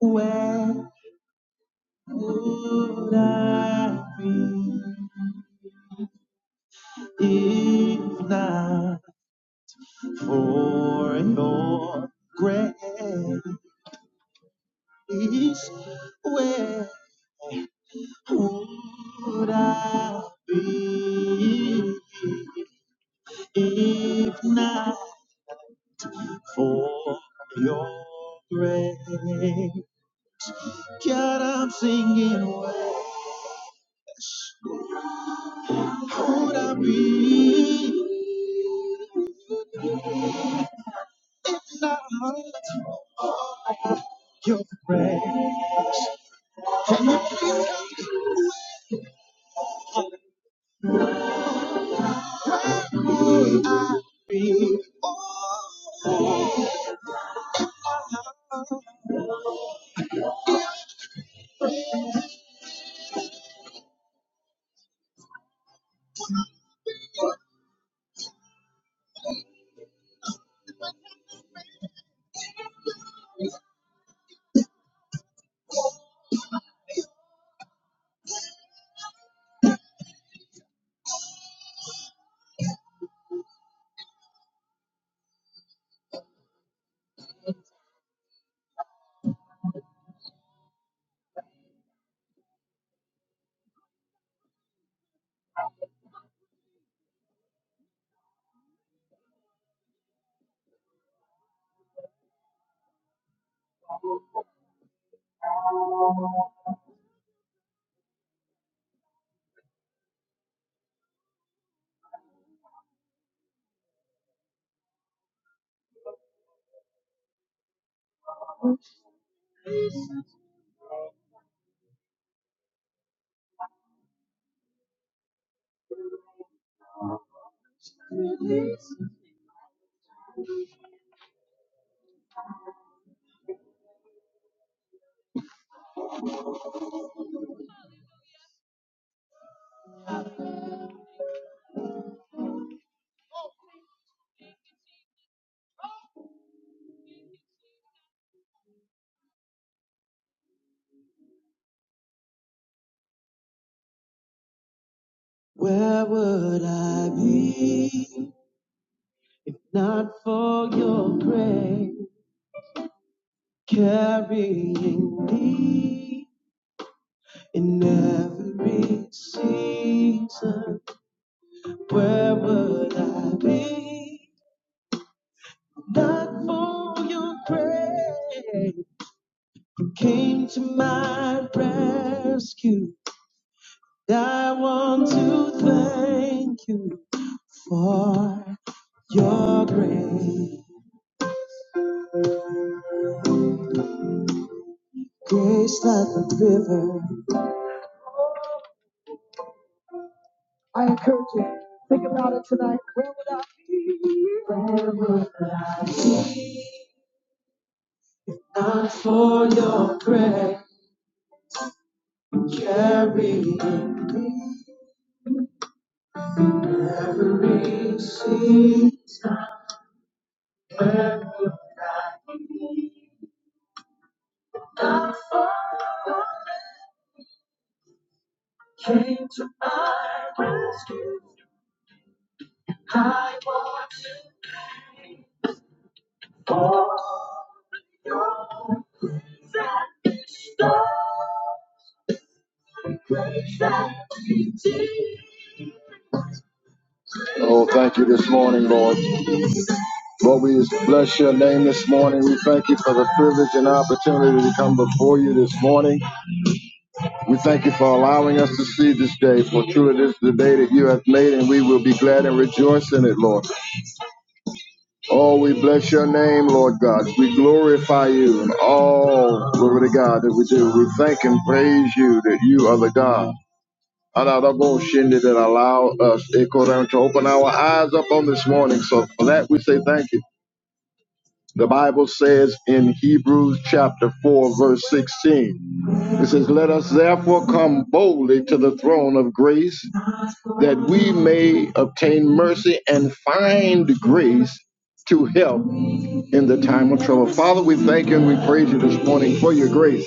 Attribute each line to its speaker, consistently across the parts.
Speaker 1: Where would I be if not for your grace? Where would I be if not for your grace? God, I'm singing. Where would I be if not for your grace? I be? Oh, Where would I be if not for your grace carrying me in every season? Where would I be if not for your grace? You came to my rescue. I want to thank you for your grace. Grace like a river. I encourage you. Think about it tonight. Not for your prayer, carry receive. Oh, thank you this morning, Lord. Lord, we just bless your name this morning. We thank you for the privilege and opportunity to come before you this morning. We thank you for allowing us to see this day, for truly this is the day that you have made, and we will be glad and rejoice in it, Lord. Oh, we bless your name, Lord God. We glorify you in all glory to God that we do. We thank and praise you that you are the God. Honorable Shindy that allow us Eko to open our eyes up on this morning. So for that we say thank you. The Bible says in Hebrews chapter 4, verse 16, it says, Let us therefore come boldly to the throne of grace that we may obtain mercy and find grace to help in the time of trouble. Father, we thank you and we praise you this morning for your grace.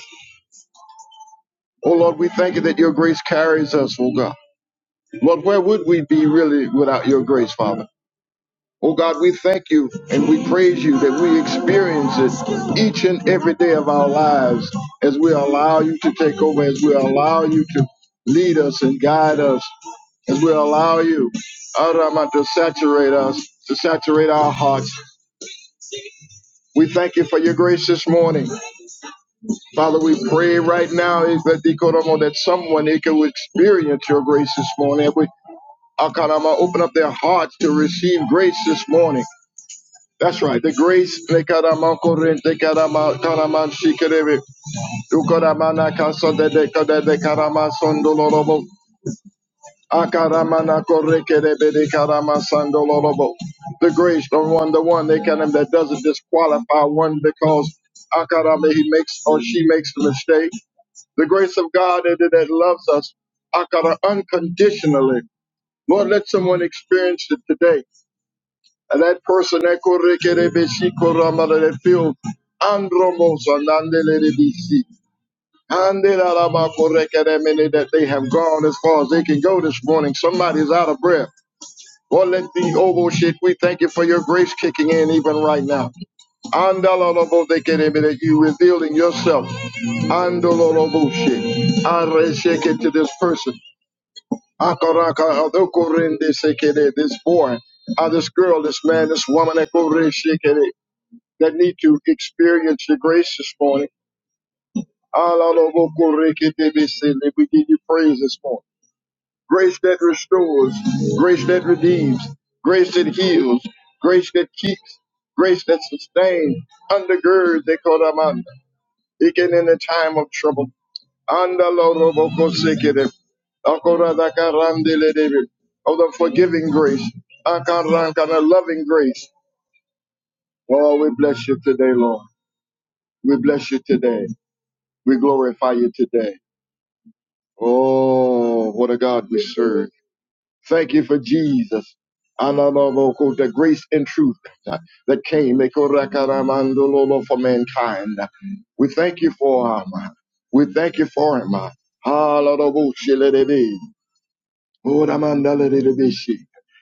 Speaker 1: Oh Lord, we thank you that your grace carries us, oh God. Lord, where would we be really without your grace, Father? Oh God, we thank you and we praise you that we experience it each and every day of our lives as we allow you to take over, as we allow you to lead us and guide us, as we allow you, Arama, to saturate us, to saturate our hearts. We thank you for your grace this morning. Father, we pray right now is that they could, um, that someone they could experience your grace this morning. We I could, um, open up their hearts to receive grace this morning. That's right. The grace they could, um, corrent, they could, um, could, um, she could, um, you could, um, na casa de de could, de could, um, son doloroso. Akaramana corre que de de could, um, son doloroso. The grace, the one, the one they can um, that doesn't disqualify one because Akarame he makes or she makes the mistake the grace of God that, that loves us akara, unconditionally. Lord, let someone experience it today. And that person ekorekerebeshikoramara, that feels andromos anandelerebisi, andelarabakorekeremene, that they have gone as far as they can go this morning. Somebody's out of breath. Lord, let the oval shit, we thank you for your grace kicking in even right now. Andalolobo dekerebele, You revealing yourself. Andalolobo she. I Aresheke to this person. Akaraka adokorende sekere, This boy, ah, this girl, this man, this woman akoreshekere, that need to experience your grace this morning. Alalobokoreketebese, and We give you praise this morning. Grace that restores, grace that redeems, grace that heals, grace that keeps, grace that sustains, undergird. They call them Even in the time of trouble. And the Lord of Okosikide. Akoradakarandeledebi. Of the forgiving grace. Akaranka, the loving grace. Oh, we bless you today, Lord. We bless you today. We glorify you today. Oh, what a God we serve. Thank you for Jesus. Analoboko, The grace and truth uh, that came Ekorakaramandulo, for mankind. We thank you for him. We thank you for him. Hallelujah. Boramandalarerebeshi.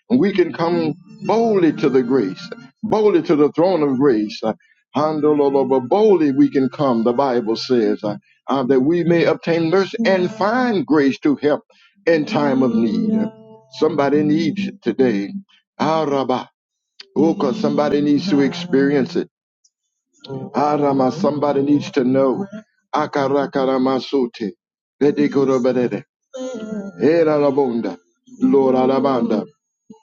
Speaker 1: And we can come boldly to the grace, boldly to the throne of grace. Uh, handololobo- Boldly we can come, the Bible says, uh, uh, that we may obtain mercy and find grace to help in time of need. Somebody needs it today. Araba. Oh, because somebody needs to experience it. Arama, somebody needs to know. Akarakaramasote. Bedekorobarede. Erarabonda. Lord Alabanda.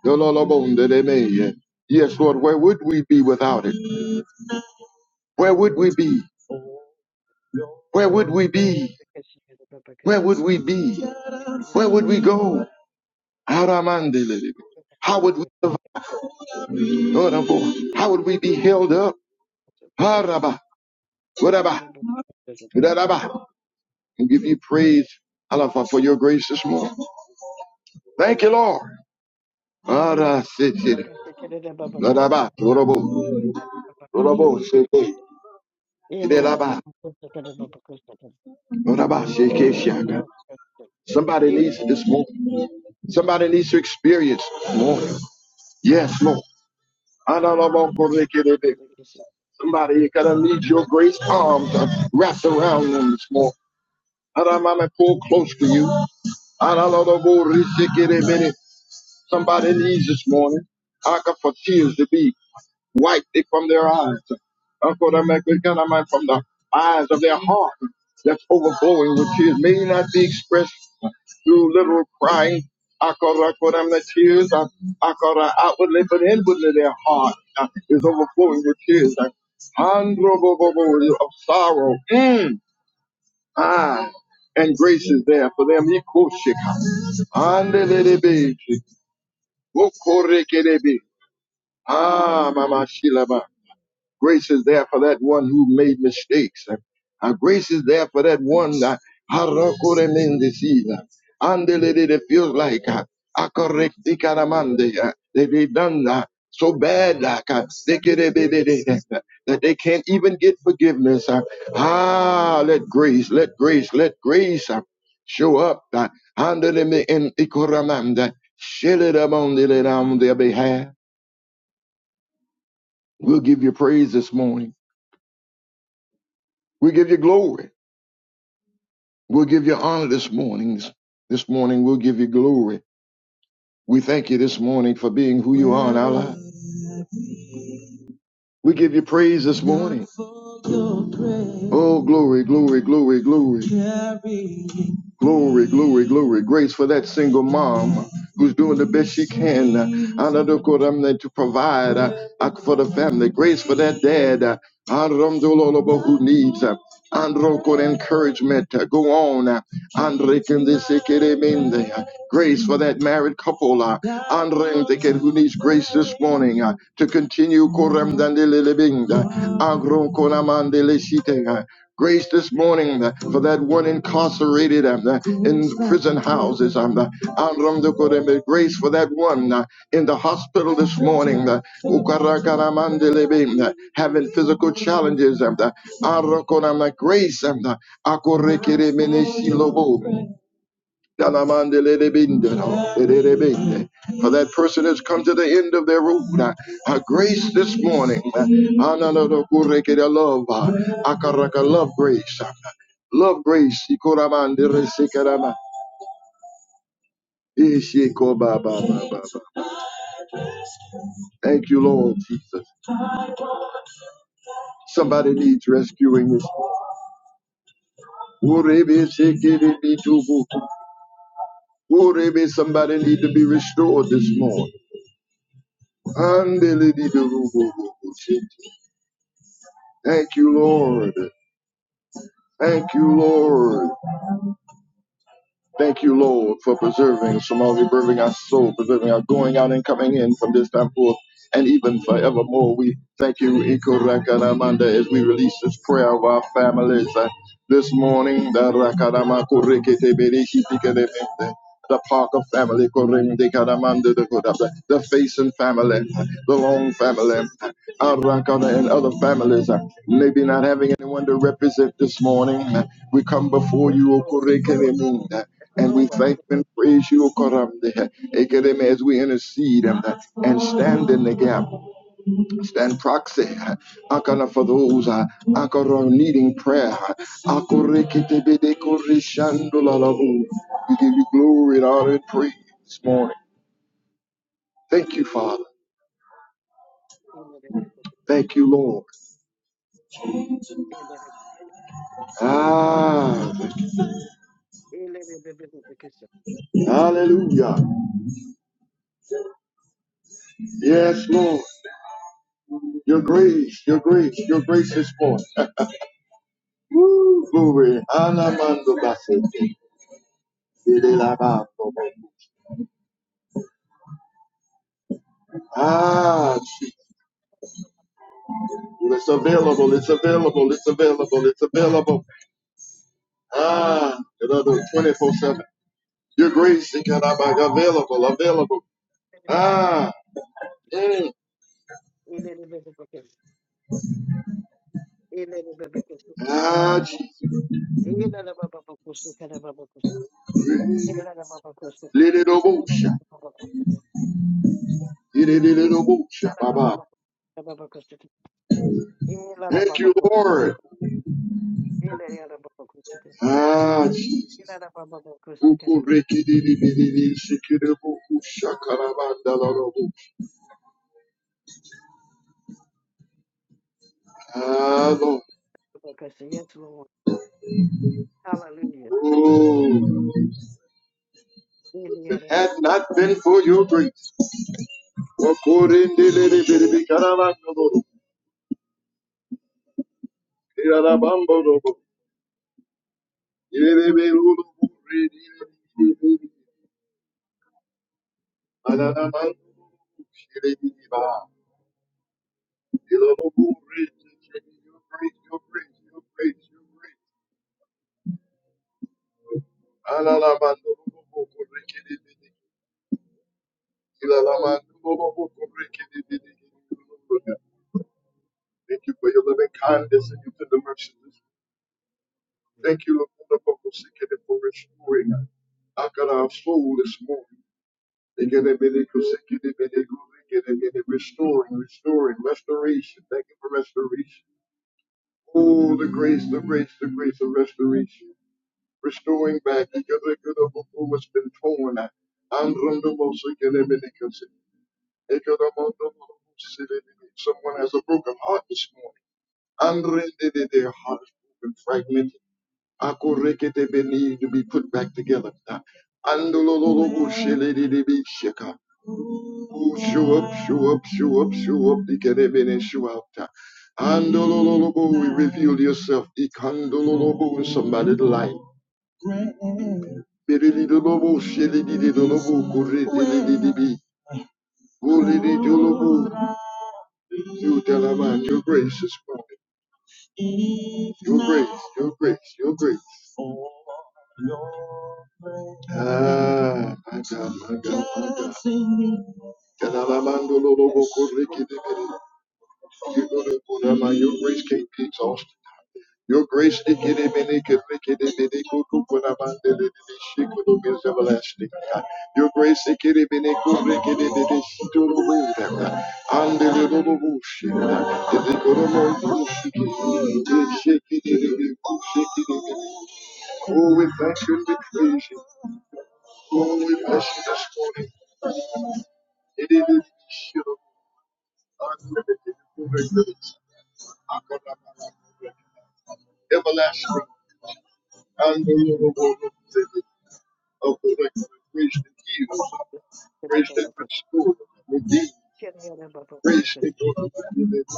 Speaker 1: Dololobondeleme. Yes, Lord, where would we be without it? Where would we be? Where would we be? Where would we be? Where would we go? Aramandelebe. How would we survive? Lord, oh Lord, How would we be held up? Haraba. Whatever. Daraba. And give you praise, Allah, for your grace this morning. Thank you, Lord. Arasitir. Daraba. Orabo. Orabo. Seke. Idelaba. Oraba. Seke. Shaka. Somebody needs it this morning. Somebody needs to experience this morning. Yes, Lord. Analabokorekerebe. Somebody is gonna need your grace arms wrapped around them this morning. Anamame, pull close to you. Analabokorekerebe. Somebody needs this morning. I got for tears to be. Wipe it from their eyes. Uncle, that make it kind of mine from the eyes of their heart that's overflowing with tears. May not be expressed through literal crying. Akara, Kodam, the tears are akara, outwardly, but inwardly their heart uh, is overflowing with tears. Uh, Handro of sorrow. Mm. Ah, and grace is there for them. Ikoshika. Andelelebe. Okorekelebe. Ah, Mama Shilaba. Grace is there for that one who made mistakes. Our grace is there for that one that in the season. And it feels like uh, uh, they uh, they done uh, so bad uh, that they can't even get forgiveness. uh. Ah, let grace, let grace, let grace uh, show up. uh, Handeleme in ikoramanda. Shed it up the- on their behalf. We'll give you praise this morning. We give you glory. We'll give you honor this morning. This, this morning, we'll give you glory. We thank you this morning for being who you are in our lives. We give you praise this morning. Oh, glory, glory, glory, glory. Glory, glory, glory. Grace for that single mom who's doing the best she can. Anadokothamne, To provide uh, uh, for the family. Grace for that dad uh, who needs uh, Androko encouragement. Uh, Go on. uh, Andre Kundisekeremende. Grace for that married couple. uh, Andre Ndeket, who needs grace this morning uh, to continue. Korem Dandelelebinda. Agron Konamandeleshite, uh, Grace this morning uh, for that one incarcerated um, uh, in prison houses. um, uh, Androm Dokoreme. Grace for that one uh, in the hospital this morning. uh, Ukarakaramandelebe, uh, Having physical challenges. um, uh, Andro Konama. Grace. um, uh, Akorekere mene shilobo. Dalamande lelebinde no, lelebinde. For that person that's come to the end of their road, uh, uh, grace this morning. uh, ananodo Love, uh, akaraka love grace. uh, Love grace. ikoramande resekerama, ishikobabababa. Thank you, Lord Jesus. Somebody needs rescuing this. morning. Urebe sekerebitubu. Urebe, Somebody needs to be restored this morning. Thank you, Lord. Thank you, Lord. Thank you, Lord, for preserving Somalia, preserving our soul, preserving our going out and coming in from this time forth and even forevermore. We thank you, Ikorakanamanda, as we release this prayer of our families. This morning, the Rakadama Kurikete Berihitikelebende, the Parker family, Korende Kadamanda the Kodabla, the Faison family, the Long family, Arakana and other families, uh, maybe not having anyone to represent this morning. uh, We come before you, O Kurikete and we thank and praise you, O Koramde, Ekeleme, as we intercede and, uh, and stand in the gap stand proxy akala for those uh, akara needing prayer Akorekitebedeko-rishandolalabu. we give you glory and honor and praise this morning thank you father thank you lord ah hallelujah yes lord your grace your grace your grace is born. glory Anamando basete. Idelabando. ah Jesus. it's available it's available it's available it's available Ah, another 24 7. Your grace is kind of like available, available. Ah, mm,
Speaker 2: Elele baba
Speaker 1: ah, Jesus.
Speaker 2: koşu kere baba koşu. Elele baba koşu kere baba koşu. Elele baba koşu kere.
Speaker 1: Little
Speaker 2: Elele
Speaker 1: bullshit.
Speaker 2: baba koşu kere.
Speaker 1: Little bullshit,
Speaker 2: Elele
Speaker 1: Baba.
Speaker 2: baba koşu kere baba koşu kere. Elele
Speaker 1: Thank you,
Speaker 2: baba koşu kere. Elele baba koşu kere.
Speaker 1: Lord.
Speaker 2: Elele baba koşu
Speaker 1: Ah, Jesus. Ah,
Speaker 2: kere baba baba
Speaker 1: Lord.
Speaker 2: koşu. Yes, Lord. Hallelujah.
Speaker 1: Oh, if it had not been for your grace, Thank you for your loving kindness and your tender mercies. Thank you, Lord, for the for restoring us. I got our soul this morning. They get a bit of get a bit get a bit Restoring, restoring, restoration. Thank you for restoration. Oh, the grace, the grace, the grace of restoration. Restoring back They Get a could have what's been torn. And the most it can be because Someone has a broken heart this morning. And their heart is broken, fragmented. Akurekete beni to be put back together. Andolololobo shelelelebe sheka. Oh, show up, show up, show up, show up, Ikereben and show out. Andololobo, we reveal yourself. Ikandololobo in somebody's life. Berilidolobo, shelidididolobo, kuridilididibi. Golididolobo. You tell a man your grace is more. Your grace, your grace, your grace. Ah, my God, my God, my God. Your grace can't be exhausted. Your grace the get him in it, could make it in could cook when I'm under the dish, she could do everlasting. Your grace the get him in it, could make it in it, she do the way that under the little bullshit. If they could have known you, she could shake it, shake Oh, we thank you we praise you. Oh, we bless you this morning. It is a show of unlimited grace. Everlasting, unbelievable. Open up, raise the kids, raise them in school, redeem, raise the children. That's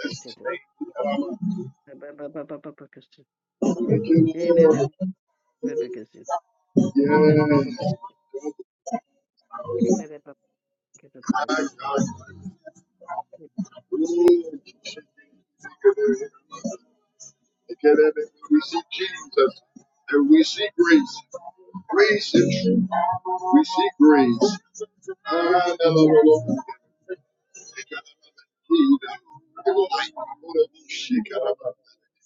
Speaker 1: the state. Um,
Speaker 2: Hallelujah.
Speaker 1: Thank you, Lord. Yes, my
Speaker 2: Ele
Speaker 1: God. Ooh, We see Jesus and we see grace. Grace is true. We see grace. Ah, no, no, no, no.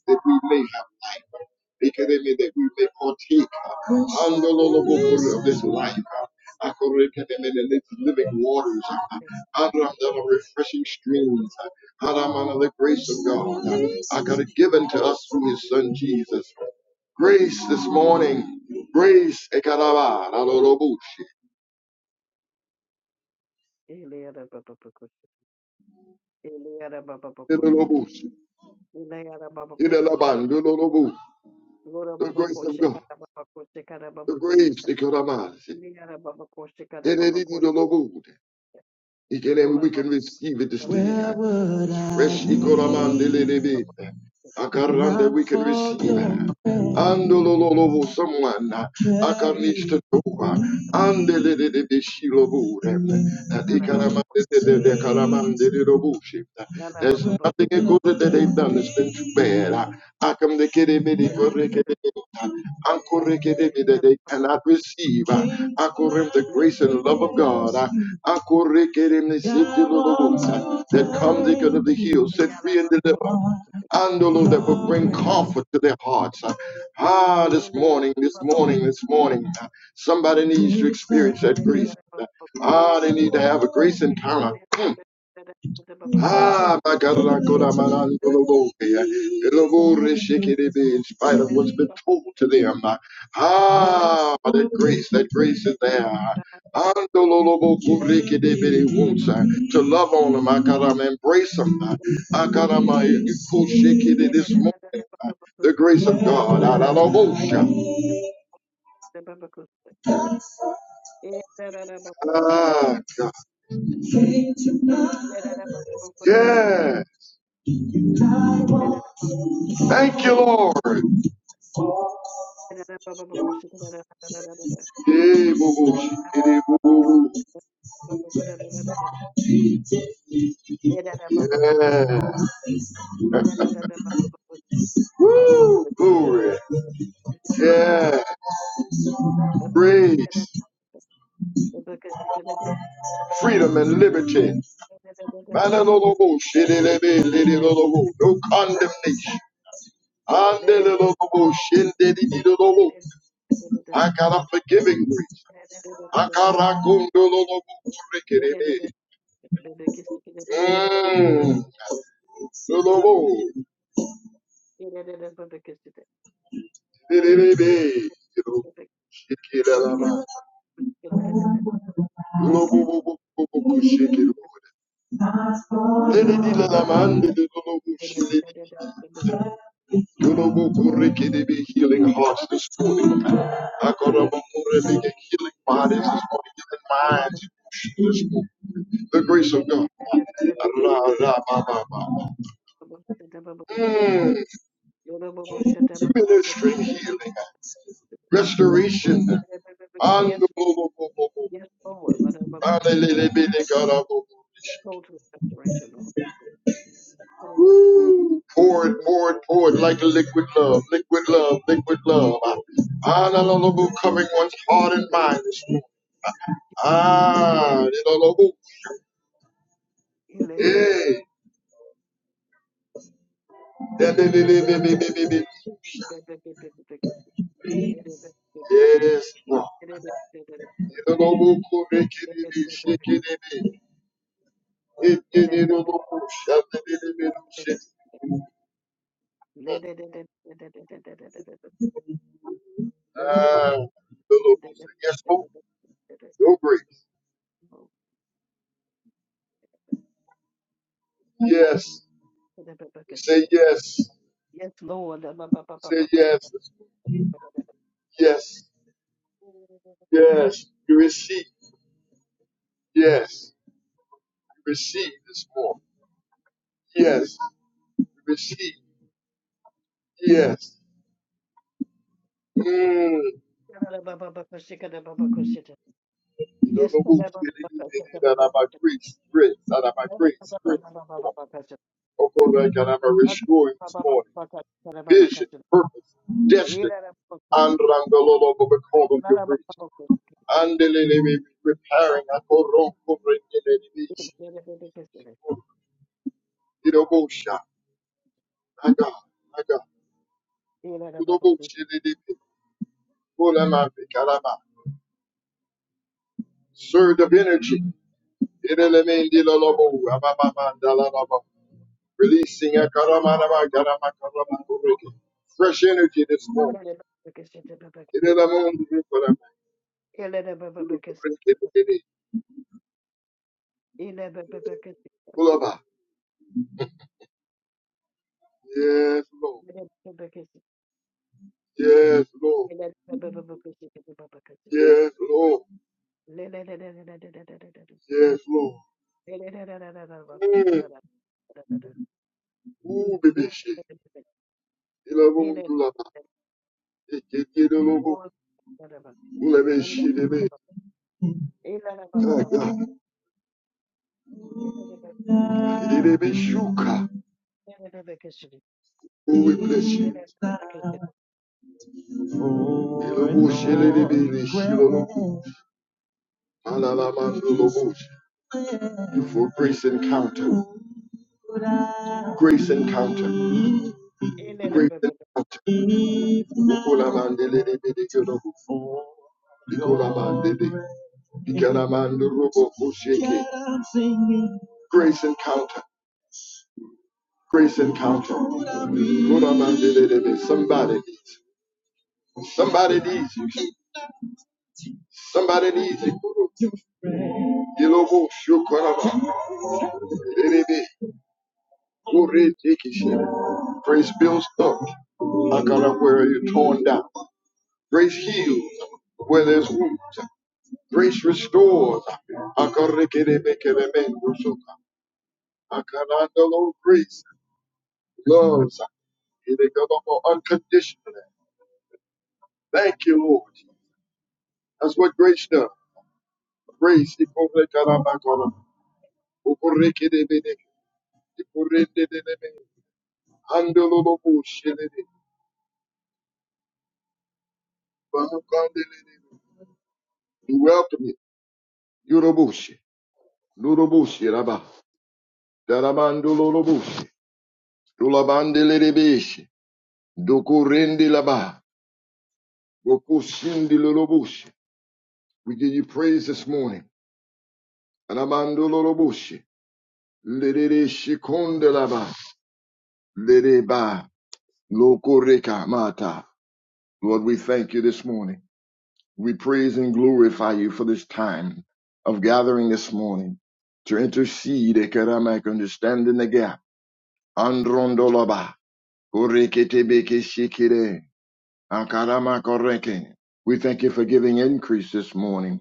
Speaker 1: that we may have life. Because that we may partake uh, under the Lord of this life. uh, according to them the living waters, uh, under uh, the refreshing streams, uh, under uh, the grace of God, uh, I got it given to us through His Son Jesus. Grace this morning, grace, the grace of God. the grace they could amass. And it is the Lord. He can and we can receive it this day. Where would I Fresh I be ikoramandelelebe. Akarande we can receive. your grace? Andololobo someone. Akar needs to do. toba. Andelelebe shilobure. That ikaramandelelebe karamandelelobushe. There's nothing good that they've done that's been too bad. Akam de kere medi kore kere. Ankorekede, that they cannot receive. Ankorem, the grace and love of God. Ankorekede, the safety of the Lord, that comes because of the
Speaker 2: Yeah,
Speaker 1: heel, set free and deliver. Andolo, that will bring comfort to their hearts. Ah, this morning, this morning, this morning, somebody needs to experience that grace. Ah, they need to have a grace encounter. Ah, my God, I go down my line, go to go there. It'll go there, shake it, it in spite of what's been told to them. Ah, that grace, that grace is there. Ando lo lo bo ku re ke de uh, To love on them, I gotta embrace them. I gotta my you cool shake it this morning. The grace of God. I don't know. Ah, God. Yeah. Thank you, Lord. Yeah. boo,
Speaker 2: Thank you.
Speaker 1: boo, shake boo, boo. Yeah. Glory. Yeah. Praise. Freedom and liberty. Manalolobo, shidelebe, lidilolobo. No condemnation. Andelolobo, shindidididolobo. I got a forgiving grace. I got a kundololobo, kurikerebe. Mm. Lolobo, shidelebe, you Shikilalama. Lobobobobobo, shikilobo. Lidididilalamandididobo, You know we're pouring into the healing hearts, as we're pouring into the healing bodies, as
Speaker 2: Because
Speaker 1: we're pouring into the minds. this morning. The grace of God. La la la la la la. Mmm, ministering healing, restoration. On the,
Speaker 2: yes, yes, Lord, but I'm total restoration, Lord. Total restoration
Speaker 1: pouring,
Speaker 2: of
Speaker 1: pouring, pouring like
Speaker 2: the- the-
Speaker 1: a liquid love, liquid love, liquid love.
Speaker 2: the- Yes,
Speaker 1: Ah, the
Speaker 2: Lord.
Speaker 1: love coming on the heart and mind. this morning. Ah, the love. Hey. Yes, Lord. Ah,
Speaker 2: The- the-
Speaker 1: Yes, Lord. Your grace. Yes. We say yes.
Speaker 2: Yes, Lord.
Speaker 1: We say yes. Yes. Yes. You receive. Yes. You receive this morning. Yes. You receive. Yes. Mm.
Speaker 2: Yes, Lord.
Speaker 1: Grace. Grace. Out of my grace. Grace. I Okorekanama, restoring this morning vision, purpose, destiny. Andrandololo, but we call them your grace. Andelele, repairing. Akoron, Korekanelele, Shilelele, Shilobosha. My God, my God. Kuloboshelele, Kolamapikalama. Surge of energy. Irelemendilolobo, Ababamandalalobo. Releasing a Akarama, Karama, Karama, Fresh energy this morning. You look for Prince Liberty. Pull up. ah. Yes, Lord. Yes, Lord.
Speaker 2: Ele
Speaker 1: Yes, Lord. Yes, Lord. Mm. Ooh, baby shit. Ilabun dulaba. Ikekidolobo. Ulebe shidebe. Ah, God. Ilebe shuka. Oh, we bless you. Ilobo shelelebe nishilolobo. Malalabandolobo. You for grace encounter. Grace encounter. Bring them out. Nicola Mandelele Bedekelo. Nicola Mandele. Nicola Mandurubo Kusheke. Grace encounter. Grace encounter. Nicola Mandelele. Somebody needs. Somebody needs you. Somebody needs you. Yelobo Shokoraba. Lelebe. Kore Tekeshe. Grace builds up. I gotta where you're torn down. Grace heals where there's wounds. Grace restores. Akarekerebekerebekosoka. Akanandalo Grace loves. Unconditionally. Thank you, Lord. That's what grace does. Grace. We welcome you. Yurobushi. Nurobushi Rabba. Darabandololobushi. Dulabandelebeshe. Dokurendi Labah. Bokushindi We give you praise this morning. Anamando loroboshi. Lerere shikonde laba. Lereba lokoreka mata. Lord, we thank you this morning. We praise and glorify you for this time of gathering this morning to intercede ekeramik, understand in the gap. Androndolaba. Korekete beke shikire. Ankarama koreke. We thank you for giving increase this morning.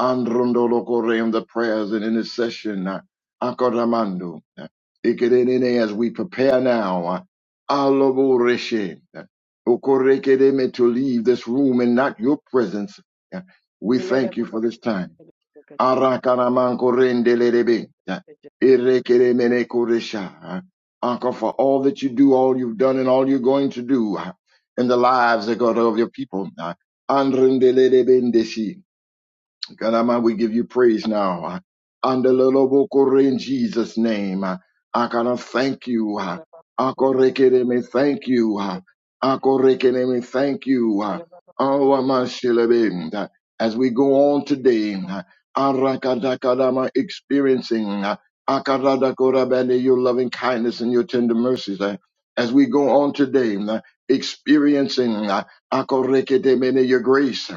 Speaker 1: Androndolokoreum, the prayers and intercession. uh, Akaramando. uh, Ikerene, As we prepare now, uh, Aloboreshe, uh, Okorekereme, to leave this room and not your presence, uh, we thank you for this time. Arakaramankorendelelebe. Irekeremenekoresha. Uncle, for all that you do, all you've done, and all you're going to do uh, in the lives of God of your people. Andrendelebedeshi. God Almighty, we give you praise now. Under Lobokore in Jesus' name. I gonna thank you. Akorekereme, thank you. Akorekereme, thank you. Oh, Amashilebe, As we go on today, Arakadakadama experiencing Akadadakorabande, your loving kindness and your tender mercies. As we go on today, experiencing Akoreketemene, your grace.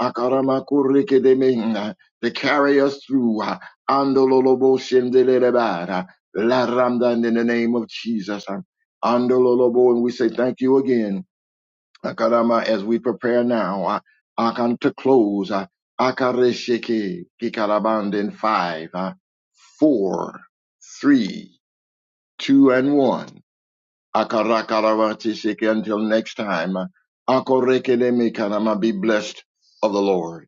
Speaker 1: Akaramakurekedeme, to carry us through. uh, Andololoboshendelelebara, La Ramdan in the name of Jesus. uh, Andololobo, and we say thank you again. Akarama, as we prepare now, uh, Akan to close. uh, Akaresheke, Kikaraband in five, uh, four, three, two, and one. Akarakaravatisheke, until next time. uh, Akorekedeme, Karama, be blessed of the Lord.